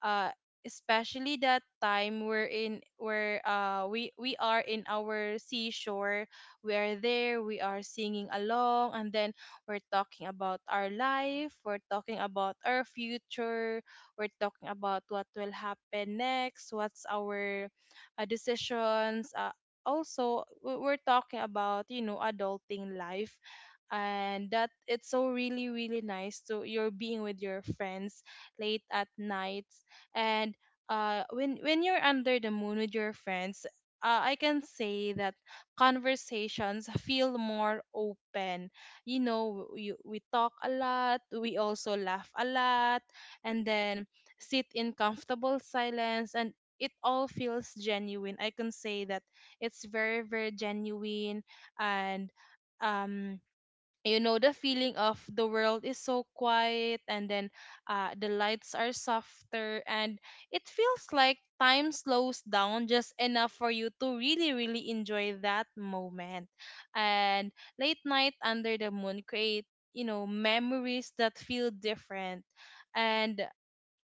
uh especially that time we're in where we are in our seashore. We are there, we are singing along, and then we're talking about our life, we're talking about our future, we're talking about what will happen next, what's our decisions. Also, we're talking about, you know, adulting life and that it's so really really nice to you're being with your friends late at night. And when you're under the moon with your friends, I can say that conversations feel more open. You know, we talk a lot, we also laugh a lot, and then sit in comfortable silence, and it all feels genuine. I can say that it's very very genuine. And um you know, the feeling of the world is so quiet, and then the lights are softer, and it feels like time slows down just enough for you to really really enjoy that moment. And late night under the moon create, you know, memories that feel different. And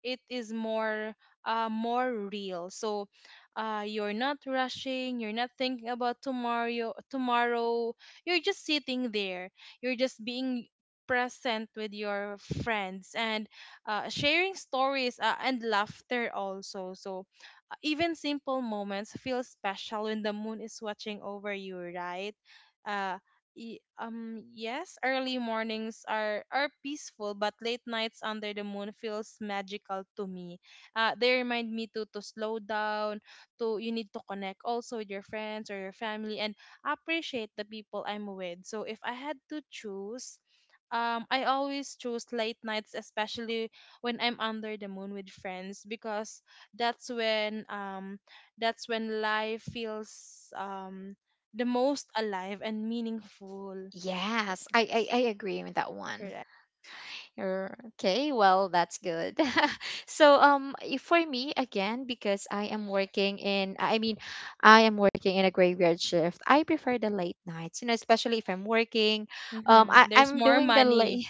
it is more more real. So you're not rushing, you're not thinking about tomorrow tomorrow, you're just sitting there, you're just being present with your friends, and sharing stories, and laughter also. So even simple moments feel special when the moon is watching over you, right? uh yes, early mornings are peaceful, but late nights under the moon feels magical to me. They remind me to slow down, to you need to connect also with your friends or your family and appreciate the people I'm with. So if I had to choose, I always choose late nights, especially when I'm under the moon with friends, because that's when um that's when life feels the most alive and meaningful. Yes, Yes, I agree with that one. correct. Er, Okay, well, that's good. So, for me again, because I am working in, I mean, I am working in a graveyard shift. I prefer the late nights, you know, especially if I'm working. Mm-hmm. There's I'm more doing the money, late.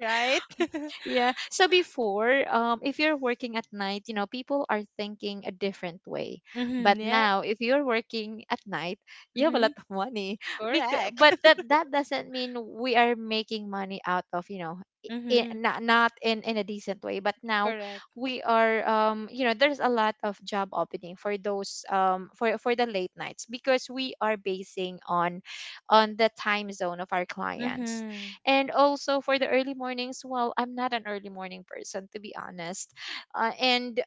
right? Yeah. So before, if you're working at night, you know, people are thinking a different way. But Mm-hmm. Yeah. now, if you're working at night, you have a Mm-hmm. lot of money. Because, Correct. but that that doesn't mean we are making money out of, you know, I Mm-hmm. not in in a decent way. But now, Correct. we are you know, there's a lot of job opening for those for the late nights because we are basing on the time zone of our clients. Mm-hmm. And also for the early mornings, well, I'm not an early morning person, to be honest. And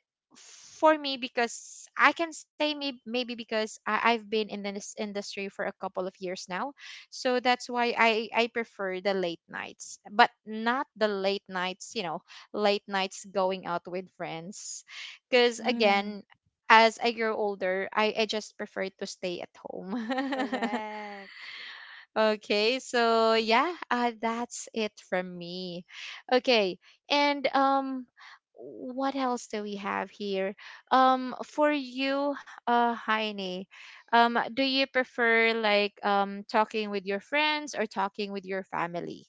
for me, because I can say maybe, maybe because I've been in this industry for a couple of years now. So that's why I prefer the late nights, but not the late nights, you know, late nights going out with friends. Because Mm-hmm. again, as I grow older, I just prefer to stay at home. Correct. Okay, so yeah, that's it from me. Okay, and what else do we have here? For you, Heine, do you prefer like talking with your friends or talking with your family?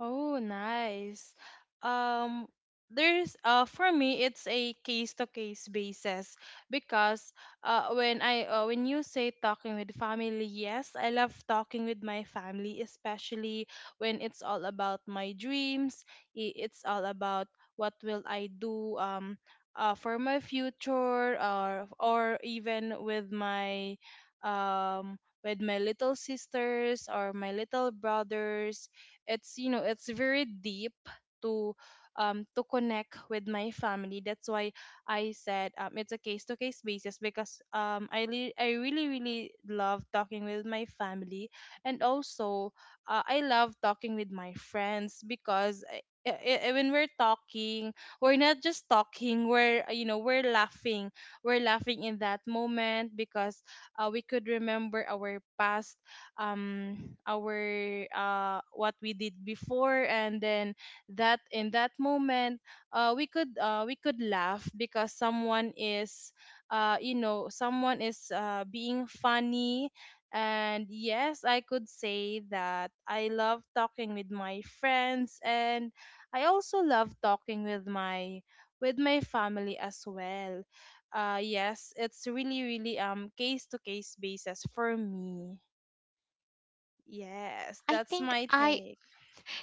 Oh, nice. Um, there's for me it's a case to case basis. Because when you say talking with family, yes, I love talking with my family, especially when it's all about my dreams. It's all about what will I do for my future, or even um with my little sisters or my little brothers. It's, you know, it's very deep to to connect with my family. That's why I said, it's a case to case basis, because I really really love talking with my family. And also, I love talking with my friends, because I when we're talking, we're not just talking, we're, you know, we're laughing. We're laughing in that moment, because we could remember our past, our what we did before, and then, that in that moment, we could laugh because someone is, you know, someone is being funny. And yes, I could say that I love talking with my friends, and I also love talking with my family as well. Yes, it's really really case to case basis for me. Yes, I that's think my I take.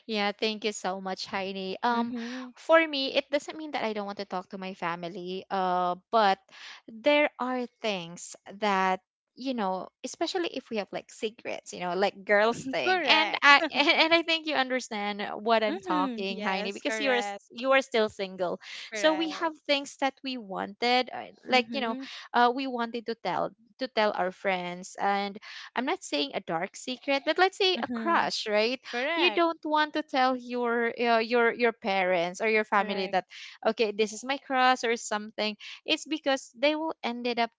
Yeah, thank you so much, Heidi. Mm-hmm. For me, it doesn't mean that I don't want to talk to my family. But there are things that, you know, especially if we have like secrets, you know, like girls thing. And Correct. I and, I think you understand what I'm Mm-hmm. talking, Heidi, Yes, because correct. you are still single. So we Correct. have things that we wanted, like you know, Mm-hmm. We wanted to tell, to tell our friends. And I'm not saying a dark secret, but let's say a Mm-hmm. crush, right? You Correct. don't want to tell your your parents or your family Correct. that, okay, this is my crush or something. It's because they will ended up,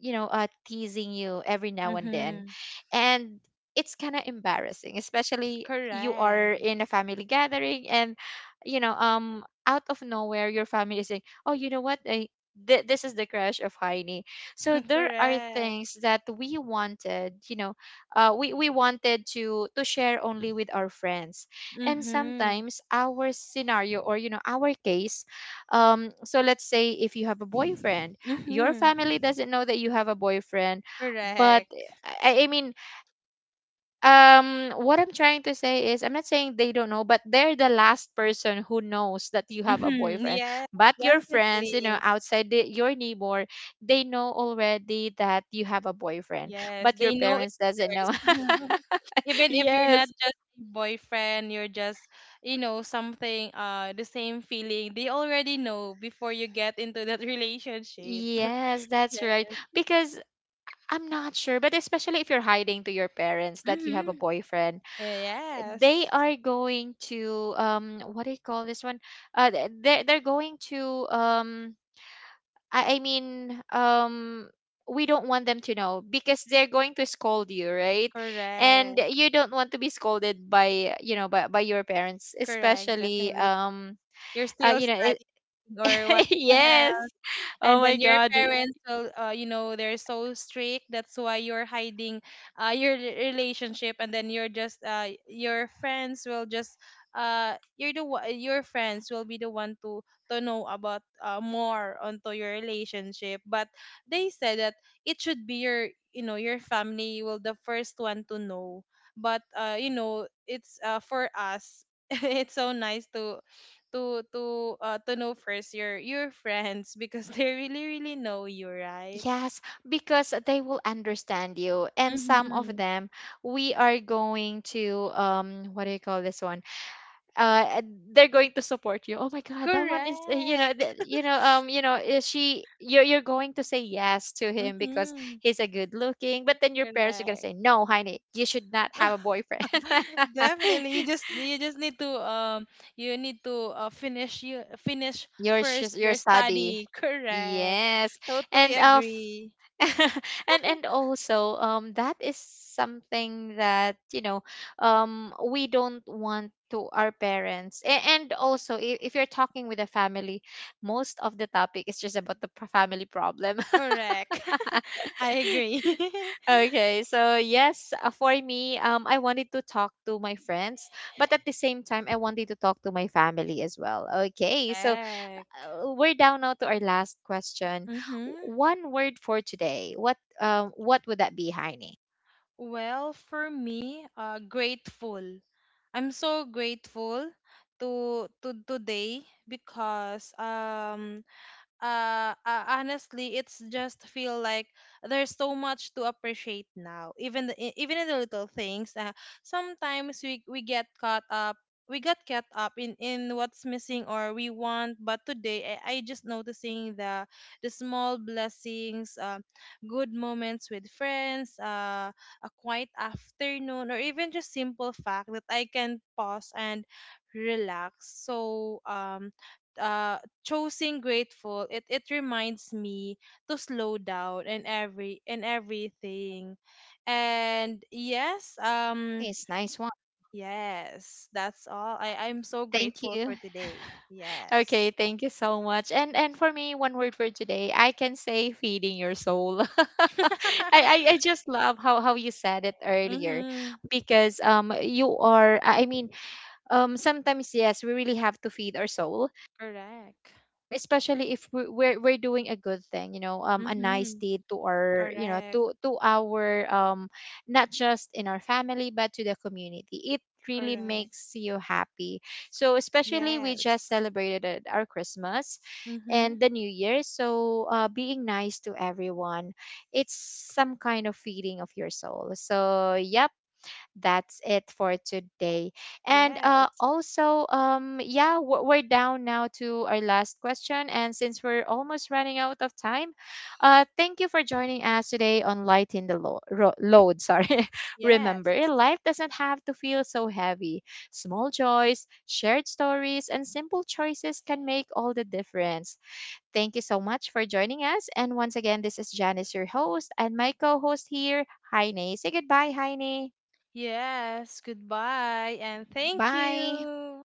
you know, teasing you every now and then, Mm-hmm. and it's kind of embarrassing, especially you are in a Correct. family gathering. And you know, out of nowhere your family is saying, oh, you know what, this is the crush of Heini. So there are Correct. things that we wanted, you know, we wanted to share only with our friends. And Mm-hmm. sometimes our scenario, or you know, our case, so let's say if you have a boyfriend, your Mm-hmm. family doesn't know that you have a boyfriend. But Correct. I mean, what I'm trying to say is I'm not saying they don't know, but they're the last person who knows that you have a Mm-hmm. boyfriend. Yes, But your friends, you know, definitely. outside the, your neighbor, they know already that you have a boyfriend, Yes, but your they know it parents doesn't know. first. Even if you're not Yes. just a boyfriend, you're just, you know, something, the same feeling. They already know before you get into that relationship. Yes, that's right. Yeah. Because I'm not sure, but especially if you're hiding to your parents that you have a Mm-hmm. boyfriend, they Yes. are going to what do you call this one? They they're going to I mean, we don't want them to know because they're going to scold you, right? And Correct. you don't want to be scolded by, you know, by your parents, Correct. especially Definitely. You're still you know it. studying or what, the Yes. hell? Oh And then my your god. parents will, you know, they're so strict, that's why you're hiding your relationship, and then you're just your friends will just, your friends will be the one to know about, more onto your relationship. But they said that it should be your, you know, your family will the first one to know. But you know, it's for us it's so nice to to know first your friends, because they really really know you, right? Yes, because they will understand you. And some of Mm-hmm. them, we are going to what do you call this one? Uh, they're going to support you. Oh my God, that one is, you know, Correct. You know, you know, she, you're going to say yes to him because Mm-hmm. he's a good looking. But then your parents are gonna Correct. say, no, honey, you should not have a boyfriend. Definitely. You just need to you need to, finish you finish Your first your your study. study. Correct. Yes, Totally and agree. And also that is something that, you know, we don't want to our parents A-, and also if you're talking with a family, most of the topic is just about the family problem. Correct. I agree. Okay, so yes, for me, I wanted to talk to my friends, but at the same time I wanted to talk to my family as well. Okay, so Correct. We're down now to our last question. Mm-hmm. One word for today, what, what would that be, Heine? Well, for me, grateful. I'm so grateful to today, because honestly, it's just feel like there's so much to appreciate now, even the, even in the little things. Sometimes we get caught up, we got caught up in what's missing or we want. But today I just noticing the small blessings. Good moments with friends, a quiet afternoon, or even just simple fact that I can pause and relax. So uh choosing grateful, it reminds me to slow down and every and everything. And yes, Nice, nice one. yes, that's all. I'm so Thank grateful you. for today. Okay, Yes. thank you so much. And for me, one word for today, I can say feeding your soul. I I just love how you said it earlier, Mm-hmm. because you are, I mean, sometimes yes, we really have to feed our soul, Correct. Especially if we're doing a good thing, you know, a nice Mm-hmm. deed to our, you know, Correct. To our not just in our family but to the community. It really Correct. makes you happy. So especially we just Yes. celebrated our Christmas Mm-hmm. and the new year. So being nice to everyone, it's some kind of feeding of your soul. So yeah, that's it for today. And Yes. also, yeah, we're down now to our last question. And since we're almost running out of time, thank you for joining us today on Lighten the Load. Sorry. Remember, Yes. life doesn't have to feel so heavy. Small joys, shared stories, and simple choices can make all the difference. Thank you so much for joining us. And once again, this is Janice, your host, and my co host here, Heine. Say goodbye, Heine. Yes, goodbye, and thank Bye. you.